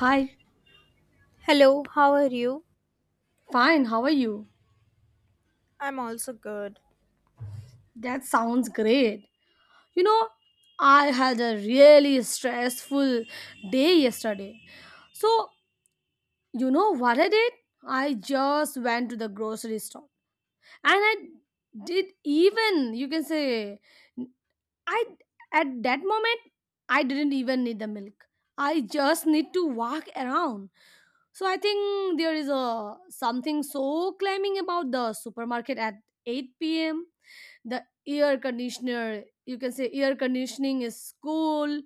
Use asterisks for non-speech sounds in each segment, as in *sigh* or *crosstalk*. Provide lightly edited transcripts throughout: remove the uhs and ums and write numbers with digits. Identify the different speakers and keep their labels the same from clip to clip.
Speaker 1: Hi,
Speaker 2: Hello, how are you?
Speaker 1: fine, how are you?
Speaker 2: I'm also good.
Speaker 1: That sounds great. You know, I had a really stressful day yesterday. So, you know what I did? I just went to the grocery store and I did even, you can say, I at that moment I didn't even need the milk. I just need to walk around. So I think there is a something so claiming about the supermarket at 8 p.m. The air conditioner, you can say, air conditioning is cool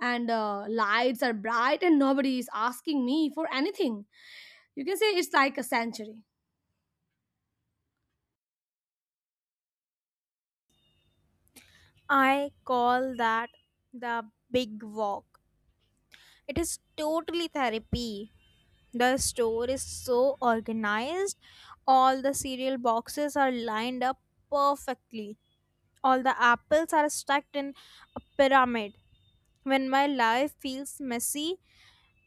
Speaker 1: and lights are bright and nobody is asking me for anything. You can say it's like a sanctuary.
Speaker 2: I call that the big walk. It is totally therapy. The store is so organized. All the cereal boxes are lined up perfectly. All the apples are stacked in a pyramid. When my life feels messy,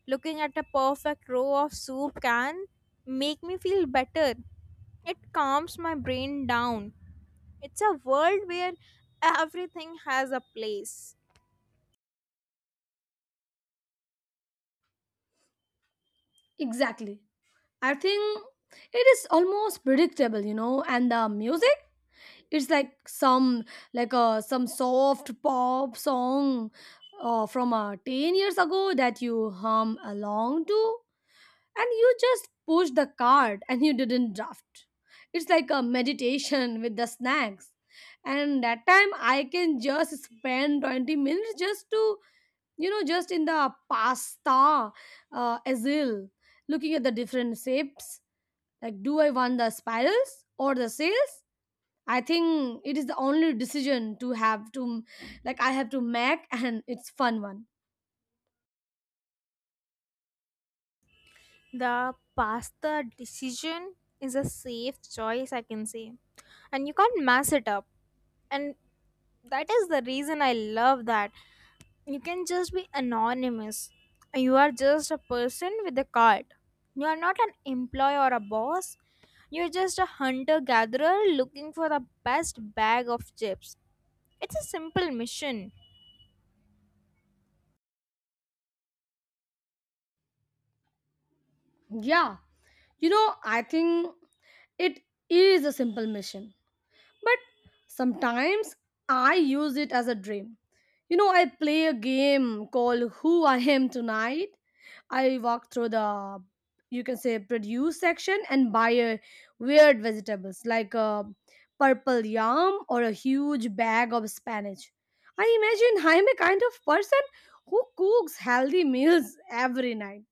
Speaker 2: looking at a perfect row of soup can make me feel better. It calms my brain down. It's a world where everything has a place.
Speaker 1: Exactly. I think it is almost predictable, you know, and the music, it's like some soft pop song from 10 years ago that you hum along to, and you just push the card and you didn't draft, it's like a meditation *laughs* with the snacks. And that time I can just spend 20 minutes just to, you know, just in the pasta aisle, looking at the different shapes, like, do I want the spirals or the sails? I think it is the only decision to have to, like, I have to make. *laughs* And it's fun one.
Speaker 2: The pasta decision is a safe choice, I can say. And you can't mess it up. And that is the reason I love that. You can just be anonymous. You are just a person with a card. You are not an employee or a boss. You're just a hunter gatherer looking for the best bag of chips. It's a simple mission.
Speaker 1: Yeah. You know, I think it is a simple mission, but sometimes I use it as a dream. You know, I play a game called Who I Am Tonight. I walk through the, you can say, produce section and buy a weird vegetables like a purple yam or a huge bag of spinach. I imagine I'm a kind of person who cooks healthy meals *laughs* every night,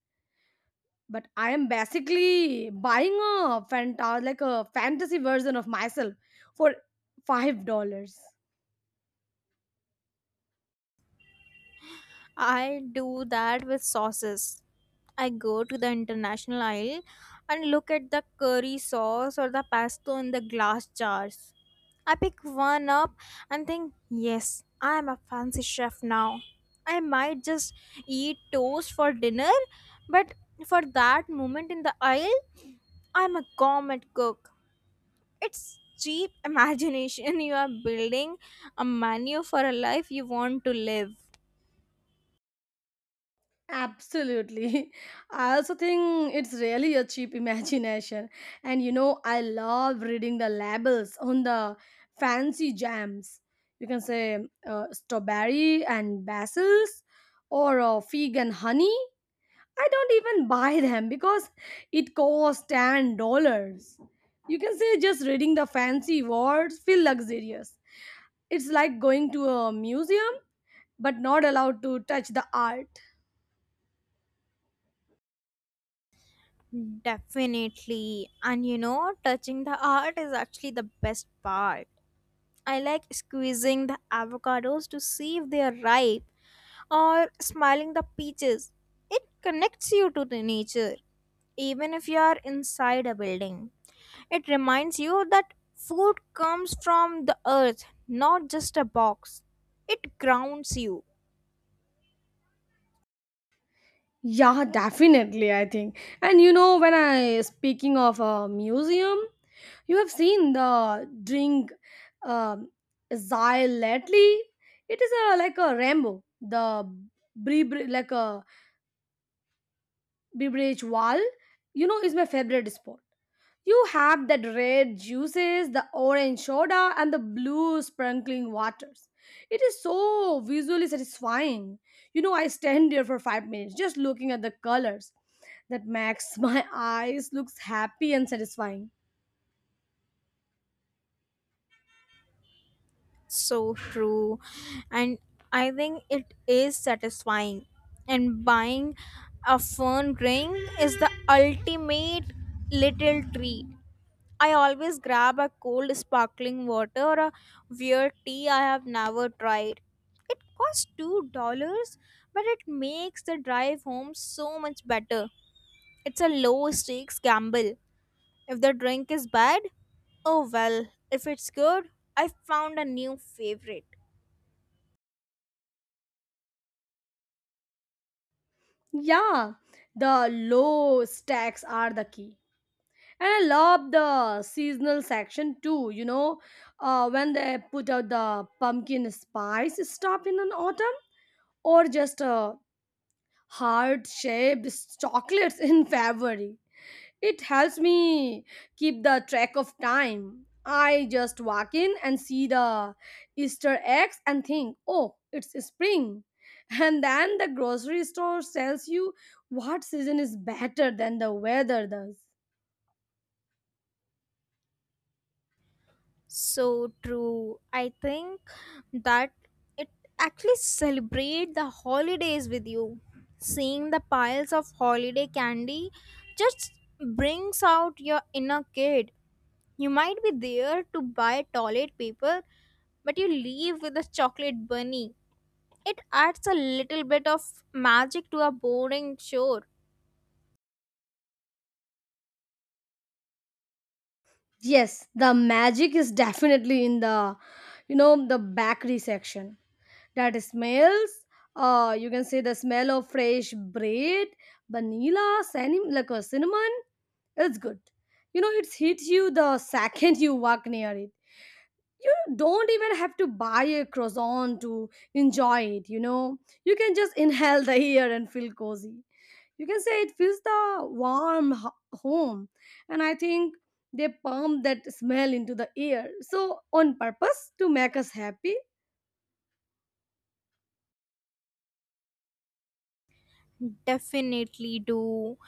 Speaker 1: but I am basically buying a like a fantasy version of myself for $5.
Speaker 2: I do that with sauces. I go to the international aisle and look at the curry sauce or the pesto in the glass jars. I pick one up and think, yes, I am a fancy chef now. I might just eat toast for dinner, but for that moment in the aisle, I'm a gourmet cook. It's cheap imagination. *laughs* You are building a menu for a life you want to live.
Speaker 1: Absolutely. *laughs* I also think it's really a cheap imagination. And you know, I love reading the labels on the fancy jams. You can say strawberry and basils or fig and honey. I don't even buy them because it costs $10. You can say just reading the fancy words feel luxurious. It's like going to a museum but not allowed to touch the art.
Speaker 2: Definitely. And you know, touching the art is actually the best part. I like squeezing the avocados to see if they are ripe or smiling the peaches. It connects you to the nature, even if you are inside a building. It reminds you that food comes from the earth, not just a box. It grounds you.
Speaker 1: Yeah, definitely, I think. And you know, when I speaking of a museum, you have seen the drink um Zyle lately. It is a like a Rambo, the beverage, like a beverage wall. You know, is my favorite spot. You have that red juices, the orange soda, and the blue sprinkling waters. It is so visually satisfying. You know, I stand there for 5 minutes just looking at the colors. That makes *laughs* my eyes looks happy and satisfying.
Speaker 2: So true. And I think it is satisfying. And buying a fern ring is the ultimate little treat. I always grab a cold sparkling water or a weird tea I have never tried. It costs $2, but it makes the drive home so much better. It's a low stakes gamble. If the drink is bad, oh well. If it's good, I found a new favorite.
Speaker 1: Yeah, the low stacks are the key. And I love the seasonal section too, you know, when they put out the pumpkin spice stuff in an autumn or just a heart shaped chocolates in *laughs* February. It helps me keep the track of time. I just walk in and see the Easter eggs and think, oh, it's spring. *laughs* And then the grocery store tells you what season is better than the weather does.
Speaker 2: So true. I think that it actually celebrate the holidays with you. Seeing the piles of holiday candy just brings out your inner kid. You might be there to buy toilet paper, but you leave with a chocolate bunny. It adds a little bit of magic to a boring chore.
Speaker 1: Yes, the magic is definitely in the, you know, the bakery section. That smells, you can say, the smell of fresh bread, vanilla cinnamon, like a cinnamon, is good. You know, it hits you the *laughs* second you walk near it. You don't even have to buy a croissant to enjoy it, you know. You can just inhale the air and feel cozy. You can say it feels the warm ho- home. And I think they pump that smell into the air so on purpose to make us happy.
Speaker 2: Definitely do.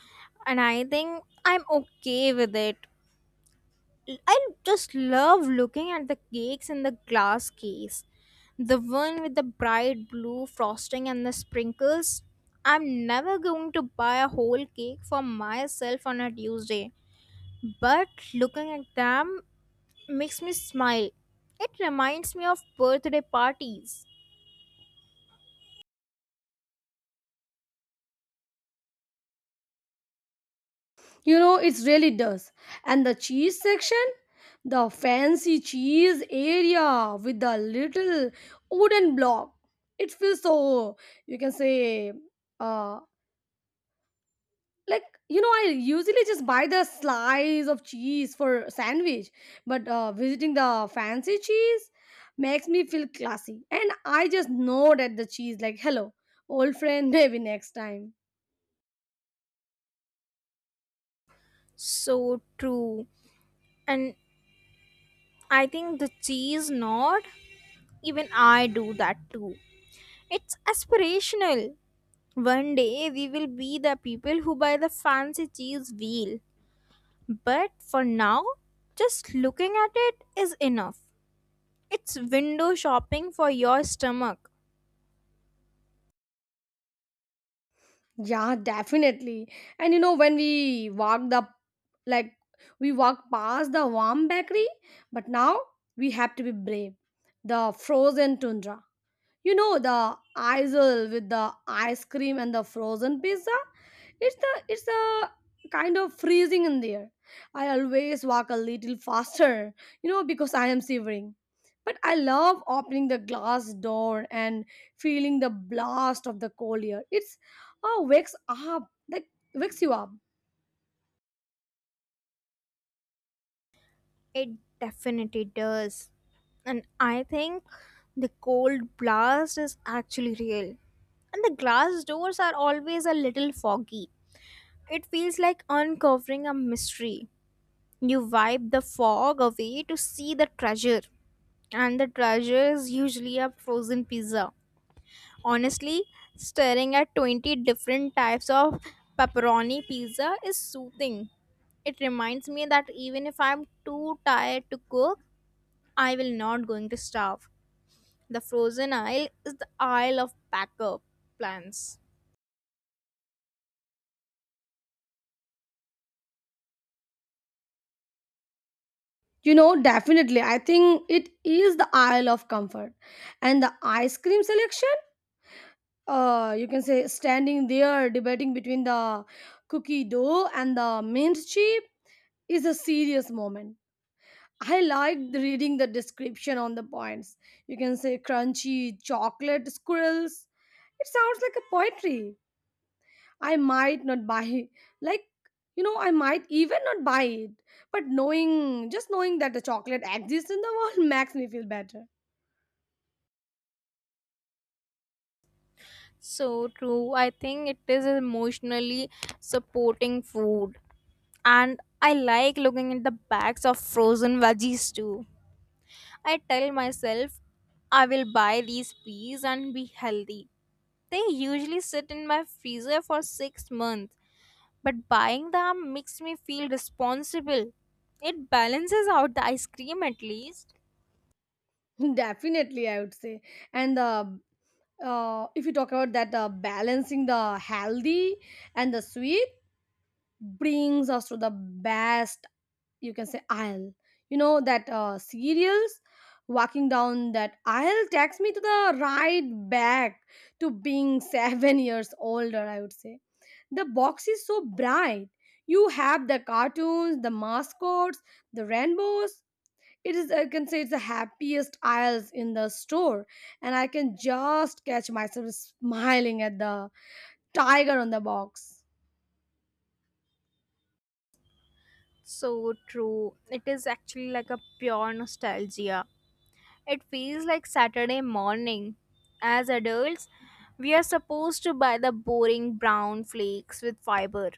Speaker 2: And I think I'm okay with it. I just love looking at the cakes in the glass case. The one with the bright blue frosting and the sprinkles. I'm never going to buy a whole cake for myself on a Tuesday, but looking at them makes me smile. It reminds me of birthday parties.
Speaker 1: You know, it really does. And the cheese section, the fancy cheese area with the little wooden block. It feels so, you can say, uh, like, you know, I usually just buy the slice of cheese for sandwich, but visiting the fancy cheese makes me feel classy. And I just nod at the cheese, like, hello, old friend, *laughs* maybe next time.
Speaker 2: So true. And I think the cheese nod, even I do that too. It's aspirational. One day we will be the people who buy the fancy cheese wheel. But for now, just looking at it is enough. It's window shopping for your stomach.
Speaker 1: Yeah, definitely. And you know, when we walked the, like, we walked past the warm bakery, but now we have to be brave. The frozen tundra. You know the aisle with the ice cream and the frozen pizza? It's a kind of freezing in there. I always walk a little faster, you know, because I am shivering. But I love opening the glass door and feeling the blast of the cold air. It's, oh, wakes you up.
Speaker 2: It definitely does. And I think the cold blast is actually real. And the glass doors are always a little foggy. It feels like uncovering a mystery. You wipe the fog away to see the treasure, and the treasure is usually a frozen pizza. Honestly, staring at 20 different types of pepperoni pizza is soothing. It reminds me that even if I'm too tired to cook, I will not going to starve. The frozen aisle is the aisle of backup plans.
Speaker 1: You know, definitely. I think it is the aisle of Comfort. And the ice cream selection? Uh, you can say, standing there debating between the cookie dough and the mint chip is a serious moment. I liked reading the description on the points. You can say crunchy chocolate squirrels. It sounds like a poetry. I might not buy, like, you know, I might even not buy it, but knowing, just knowing that the chocolate exists in the world *laughs* makes me feel better.
Speaker 2: So true. I think it is emotionally supporting food. And I like looking at the bags of frozen veggies too. I tell myself I will buy these peas and be healthy. They usually sit in my freezer for 6 months, but buying them makes me feel responsible. It balances out the ice cream at least.
Speaker 1: *laughs* Definitely, I would say. And the if you talk about that balancing the healthy and the sweet brings us to the best, you can say, aisle, you know, that cereals. Walking down that aisle takes me to the right back to being *laughs* 7 years older, I would say. The box is so bright. You have the cartoons, the mascots, the rainbows. It is, I can say, it's the happiest aisles in the store, and I can just catch myself smiling at the tiger on the box.
Speaker 2: So true. It is actually like a pure nostalgia. It feels like Saturday morning. As adults, we are supposed to buy the boring brown flakes with fiber.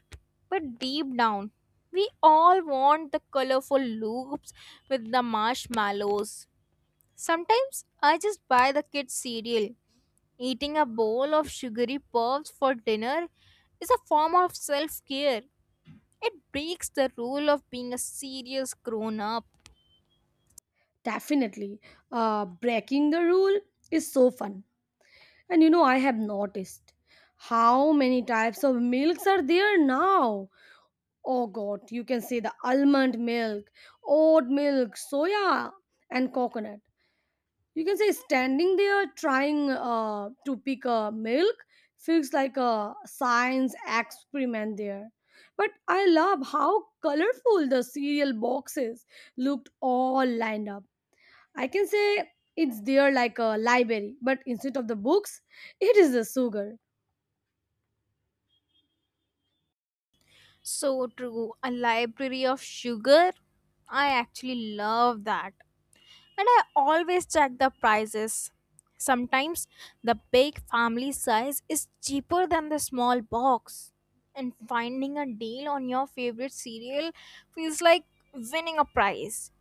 Speaker 2: But deep down, we all want the colorful loops with the marshmallows. Sometimes I just buy the kids' cereal. Eating a bowl of sugary puffs for dinner is a form of self care. It breaks the rule of being a serious grown up.
Speaker 1: Definitely. Breaking the rule is so fun. And you know, I have noticed how many types of milks are there now. Oh god, you can see the almond milk, oat milk, soya, and coconut. You can say standing there trying to pick a milk feels like a science experiment there. But I love how colorful the cereal boxes looked all lined up. I can say it's there like a library, but instead of the books, it is the sugar.
Speaker 2: So true. A library of sugar? I actually love that. And I always check the prices. Sometimes the big family size is cheaper than the small box. And finding a deal on your favorite cereal feels like winning a prize.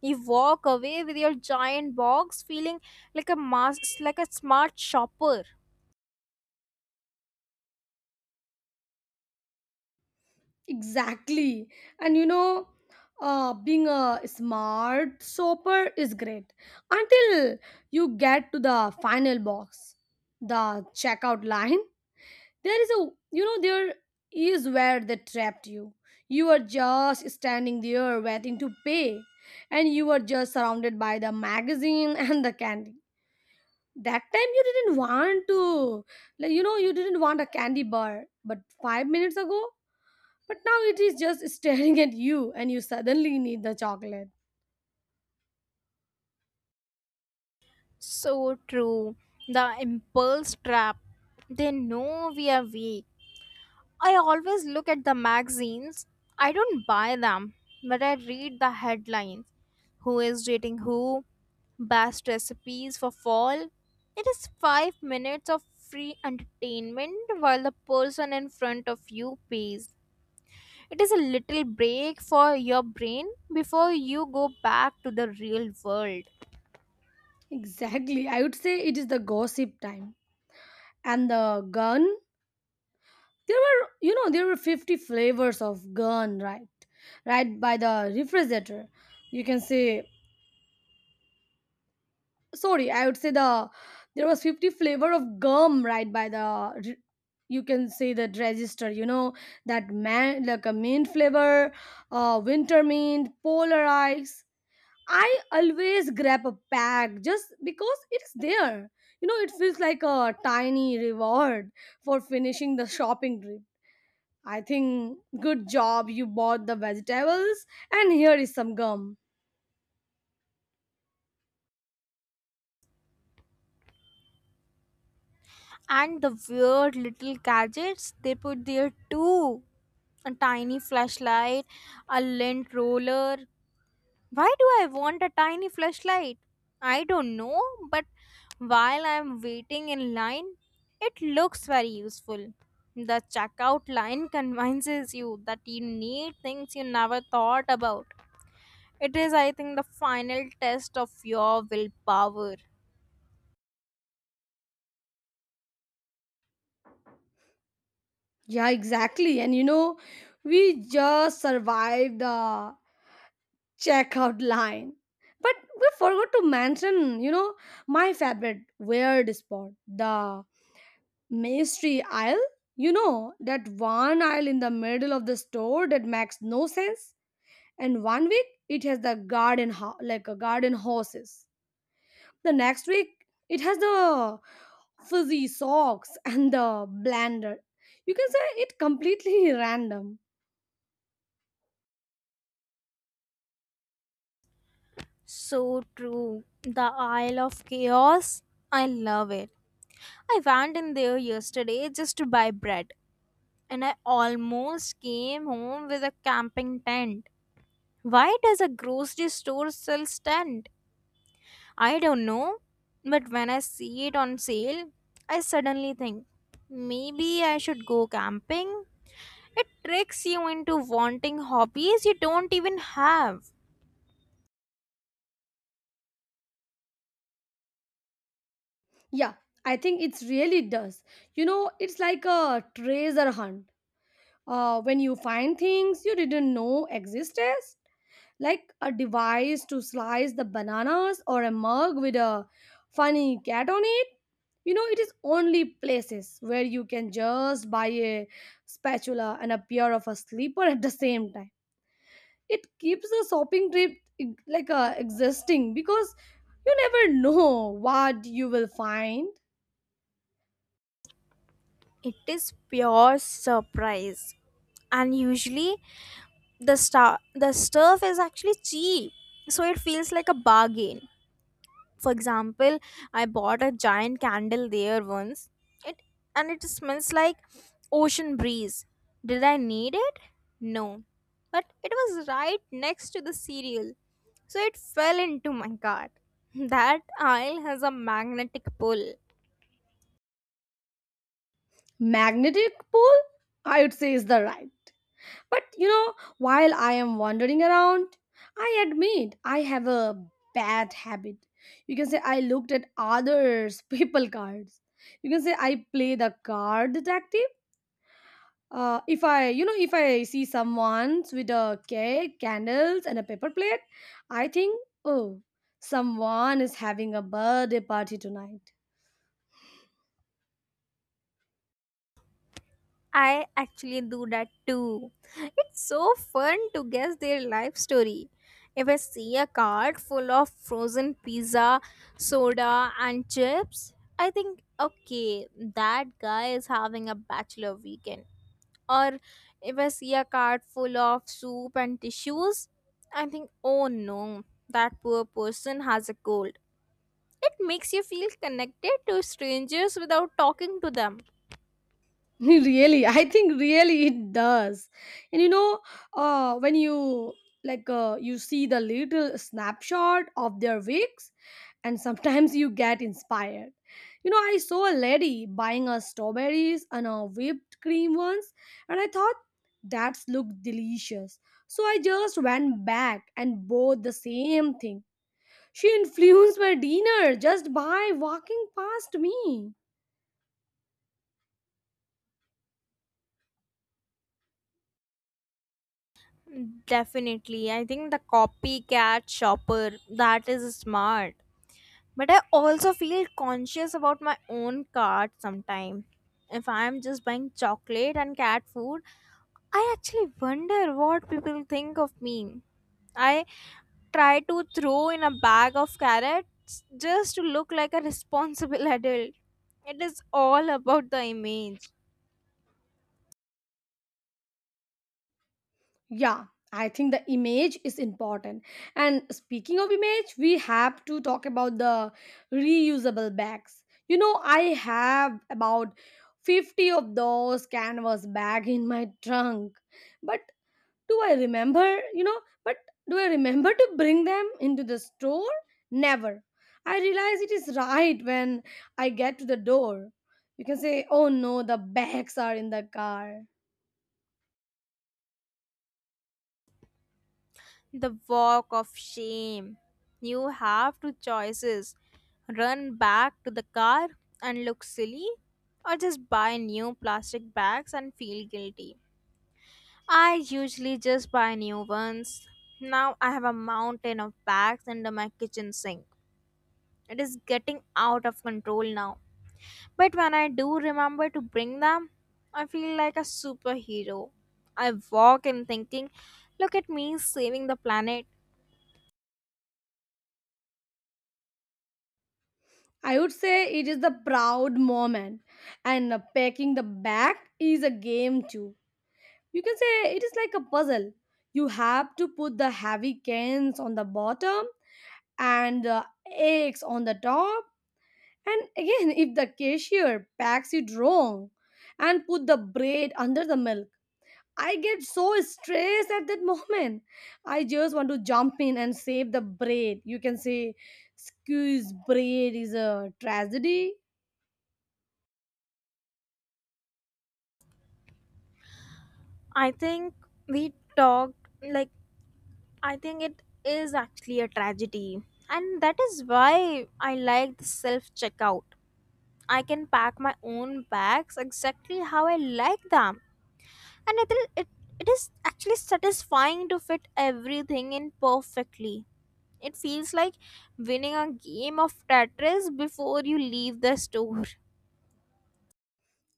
Speaker 2: You walk away with your giant box feeling like a smart shopper.
Speaker 1: Exactly. And you know, being a smart shopper is great until you get to the final box, the checkout line. There is where they trapped you. You are just standing there waiting to pay, and you are just surrounded by the magazine *laughs* and the candy. That time you didn't want to, like, you know, you didn't want a candy bar, but 5 minutes ago, but now it is just staring at you and you suddenly need the chocolate.
Speaker 2: So true. The impulse trap. They know we are weak. I always look at the magazines. I don't buy them, but I read the headlines. Who is dating who? Best recipes for fall. It is 5 minutes of free entertainment while the person in front of you pays. It is a little break for your brain before you go back to the real world.
Speaker 1: Exactly. I would say it is the gossip time. And the gun, there were, you know, there were 50 flavors of gun, right? Right by the refrigerator. You can say, sorry, I would say the, there was 50 flavor of gum right by the, you can say that register, you know, that man, like a mint flavor, winter mint, polar ice. I always grab a bag just because it's there. You know, it feels like a tiny reward for finishing the shopping trip. I think, good job, you bought the vegetables and here is some gum.
Speaker 2: And the weird little gadgets they put there too. A tiny flashlight, a lint roller. Why do I want a tiny flashlight? I don't know, but while I'm waiting in line, it looks very useful. The checkout line *laughs* convinces you that you need things you never thought about. It is, I think, the final test of your willpower.
Speaker 1: Yeah, exactly. And you know, we just survived the checkout line. But we forgot to mention, you know, my favorite weird spot, the Mystery aisle? You know, that one aisle in the middle of the store that makes no sense. And 1 week it has the like a garden horses. The next week it has the fuzzy socks and the blender. You can say it completely *laughs* random.
Speaker 2: So true. The Isle of Chaos. I love it. I went in there yesterday just to buy bread, and I almost came home with a camping tent. Why does a grocery store sell stand? I don't know, but when I see it on sale, I suddenly think maybe I should go camping. It tricks you into wanting hobbies you don't even have.
Speaker 1: Yeah, I think it's really does. You know, it's like a treasure hunt. When you find things you didn't know existed, like a device to slice the bananas or a mug with a funny cat on it. You know, it is only places where you can just buy a spatula and a pair of a slipper at the same time. It keeps the shopping trip existing because you never know what you will find.
Speaker 2: It is pure surprise. And usually the stuff is actually cheap, so it feels like a bargain. For example, I bought a giant candle there once. It it smells like ocean breeze. Did I need it? No. But it was right next to the cereal. So it fell into my cart. *laughs* That aisle has a magnetic pull.
Speaker 1: Magnetic pull, I would say, is the right. But you know, while I am wandering around, I admit I have a bad habit. You can say I looked at others' *laughs* people cards. You can say I play the card detective. If I, you know, if I see someone with a cake, candles, and a paper plate, I think, oh, someone is having a birthday party tonight.
Speaker 2: I actually do that too. It's so fun to guess their life story. If I see a cart full of frozen pizza, soda, and chips, I think, okay, that guy is having a bachelor weekend. Or if I see a cart full of soup and tissues, I think, oh no, that poor person has a cold. It makes you feel connected to strangers without talking to them.
Speaker 1: *laughs* Really, I think really it does. And you know, when you see the little snapshot of their wigs, and sometimes you get inspired. You know, I saw a lady buying a strawberries and a whipped cream once, and I thought that looked delicious. So I just went back and bought the same thing. She *laughs* influenced my dinner just by walking past me.
Speaker 2: Definitely. I think the copycat shopper that is smart. But I also feel conscious about my own cart sometimes. If I'm just buying chocolate and cat food, I actually wonder what people think of me. I try to throw in a bag of carrots just to look like a *laughs* responsible adult. It is all about the image.
Speaker 1: Yeah, I think the image is important. And speaking of image, we have to talk about the reusable bags. You know, I have about 50 of those canvas bag in my trunk. But do I remember, but do I remember to bring them into the store? Never. I realize it is right when I get to the door. You can say, oh no, the bags are in the car.
Speaker 2: The walk of shame. You have two choices: run back to the car and look silly, or just buy new plastic bags and feel guilty. I usually just buy new ones. Now I have a mountain of bags under my kitchen sink. It is getting out of control now. But when I do remember to bring them, I feel like a superhero. I walk in thinking, look at me saving the planet.
Speaker 1: I would say it is the proud moment, and packing the bag is a game too. You can say it is like a puzzle. You have to put the heavy cans on the bottom and the eggs on the top. And again, *laughs* if the cashier packs it wrong and put the bread under the milk, I get so stressed at that *laughs* moment. I just want to jump in and save the bread. You can say, "Squeeze bread is a tragedy."
Speaker 2: I think we talked like I think it is actually a tragedy. And that is why I like the self checkout. I can pack my own bags exactly how I like them. And it is actually satisfying to fit everything in perfectly. It feels like winning a game of Tetris before you leave the store.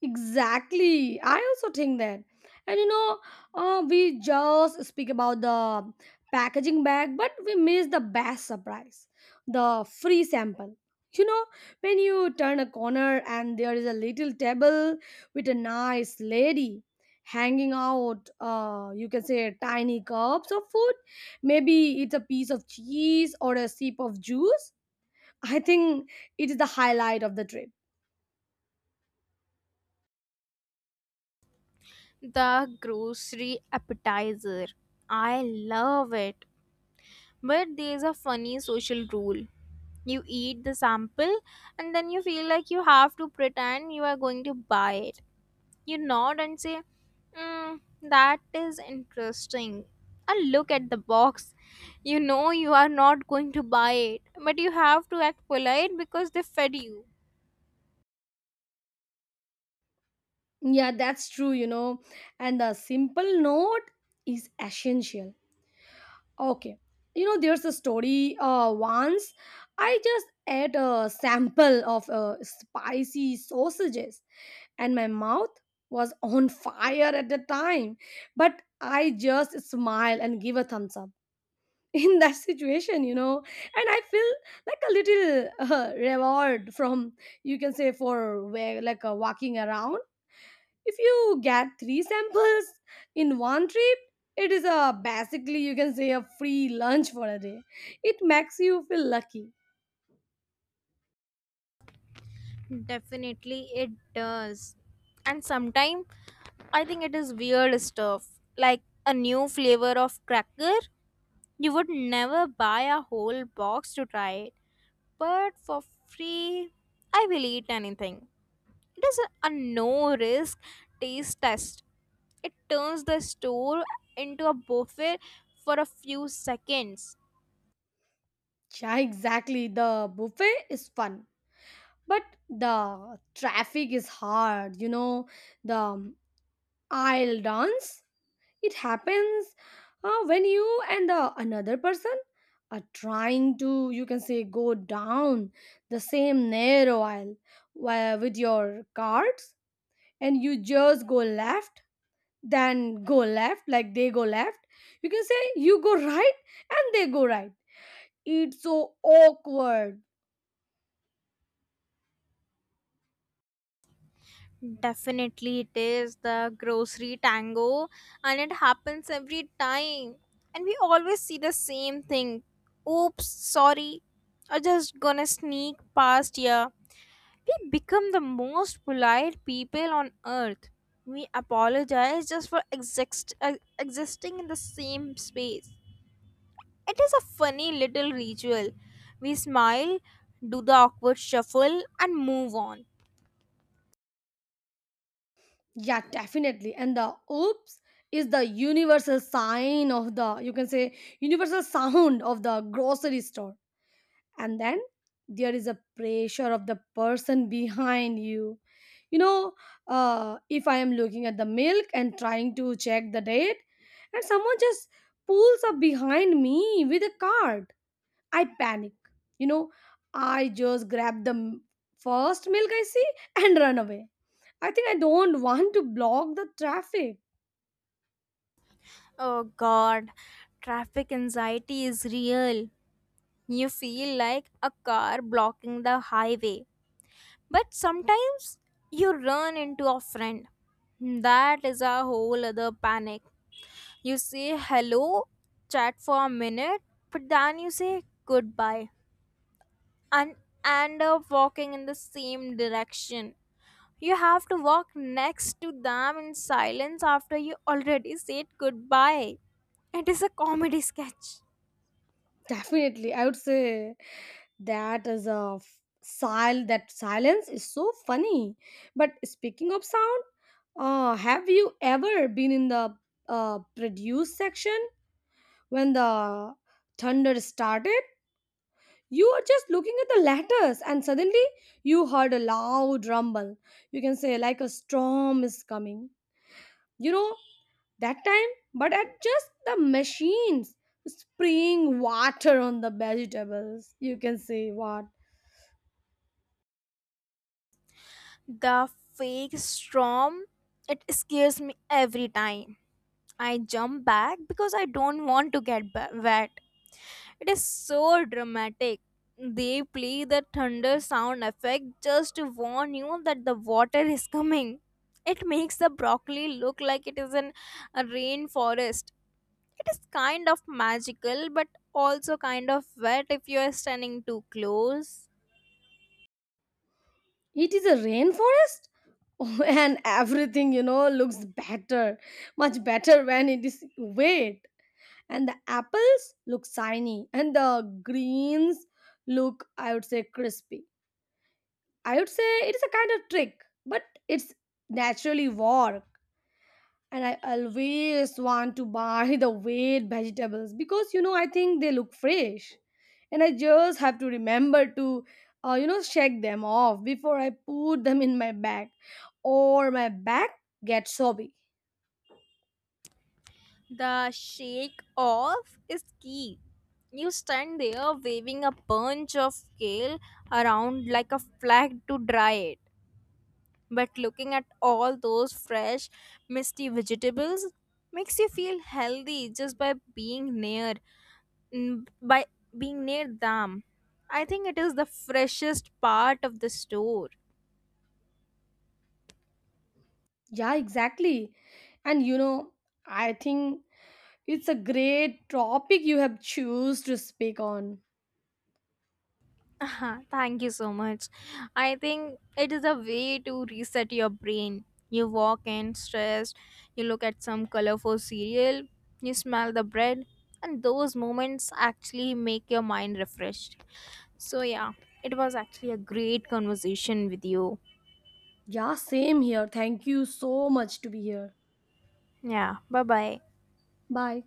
Speaker 1: Exactly. I also think that. And we just speak about the packaging bag, but we miss the best surprise the free sample. You know, when you turn a corner and there is a little table with a nice lady hanging out, you can say tiny cups of food. Maybe it's a piece of cheese or a sip of juice. I think it is the highlight of the trip.
Speaker 2: The grocery appetizer. I love it. But there's a funny social rule. You eat the sample and then you feel like you have to pretend you are going to buy it. You nod and say, mm, that is interesting. And look at the box. You know you are not going to buy it, but you have to act polite because they fed you.
Speaker 1: Yeah, that's true, And the simple note is essential. Okay. There's a story once I just ate a sample of spicy sausages and my mouth was on fire at the time. But I just smile and give a thumbs up *laughs* in that situation. And I feel like a little *laughs* reward from, you can say, for like walking around. If you get 3 samples in one trip, it is a basically you can say a free lunch for a day. It makes you feel lucky.
Speaker 2: Definitely it does. And sometimes I think it is weird stuff like a new flavor of cracker. You would never buy a whole box to try it, but for free, I will eat anything. It is a no risk taste test. It turns the store into a buffet for a few seconds.
Speaker 1: Yeah, exactly, the buffet is fun, but the traffic is hard, you know the aisle dance it happens, when you and the another person are trying to, you can say, go down the same narrow aisle while with your cards, and you just go left, then go left like they go left, you can say you go right and they go right. It's so awkward.
Speaker 2: Definitely, it is the grocery tango, and it happens every time. And we always see the same thing. Oops, sorry. I just gonna sneak past here. We become the most polite people on earth. We apologize just for existing in the same space. It is a funny little ritual. We smile, do the awkward shuffle, and move on.
Speaker 1: Yeah, definitely, and the oops is the universal sign of the, you can say, universal sound of the grocery store. And then there is a pressure of the person behind you you know If I am looking at the milk and trying to check the date, and someone just pulls up behind me with a cart, I panic. You know, I just grab the first milk I see and run away. I think I don't want to block the traffic.
Speaker 2: Oh god, traffic anxiety is real. You feel like a car blocking the highway. But sometimes you run into a friend. That is a whole other panic. You say hello, chat for a minute, but then you say goodbye and end up walking in the same direction. You have to walk next to them in silence after you already said goodbye. It is a comedy sketch.
Speaker 1: *laughs* Definitely, I would say that is a f- sil that silence is so funny. But speaking of sound, have you ever been in the produce section when the thunder started? You are just looking at the letters, and suddenly you heard a loud rumble. You can say, like a storm is coming. You know, that time, but at just the machines spraying water on the vegetables. You can say, what?
Speaker 2: The fake storm, it scares me every time. I jump back because I don't want to get wet. It is so dramatic. They play the thunder sound effect just to warn you that the water is coming. It makes the broccoli look like it is in a rainforest. It is kind of magical but also kind of wet if you are standing too close.
Speaker 1: It is a rainforest? *laughs* And everything, looks better, much better when it is wet, and the apples look shiny and the greens look, I would say, crispy. I would say it's a kind of trick, but it's naturally work. And I always want to buy *laughs* the weighed vegetables because I think they look fresh, and I just have to remember to, shake them off before I put them in my bag, or my bag gets soggy.
Speaker 2: The shake off is key. You stand there waving a bunch of kale around like a flag to dry it. But looking at all those fresh, misty vegetables makes you feel healthy just by mm, by being near them. I think it is the freshest part of the store.
Speaker 1: Yeah, exactly. And I think it's a great topic you have choose to speak on.
Speaker 2: Uh-huh, thank you so much. I think it is a way to reset your brain. You walk in stressed, you look at some colorful cereal, you smell the bread, and those moments actually make your mind refreshed. So, yeah, it was actually a great conversation with you.
Speaker 1: Yeah, same here. Thank you so much to be here.
Speaker 2: Yeah, bye bye.
Speaker 1: Bye.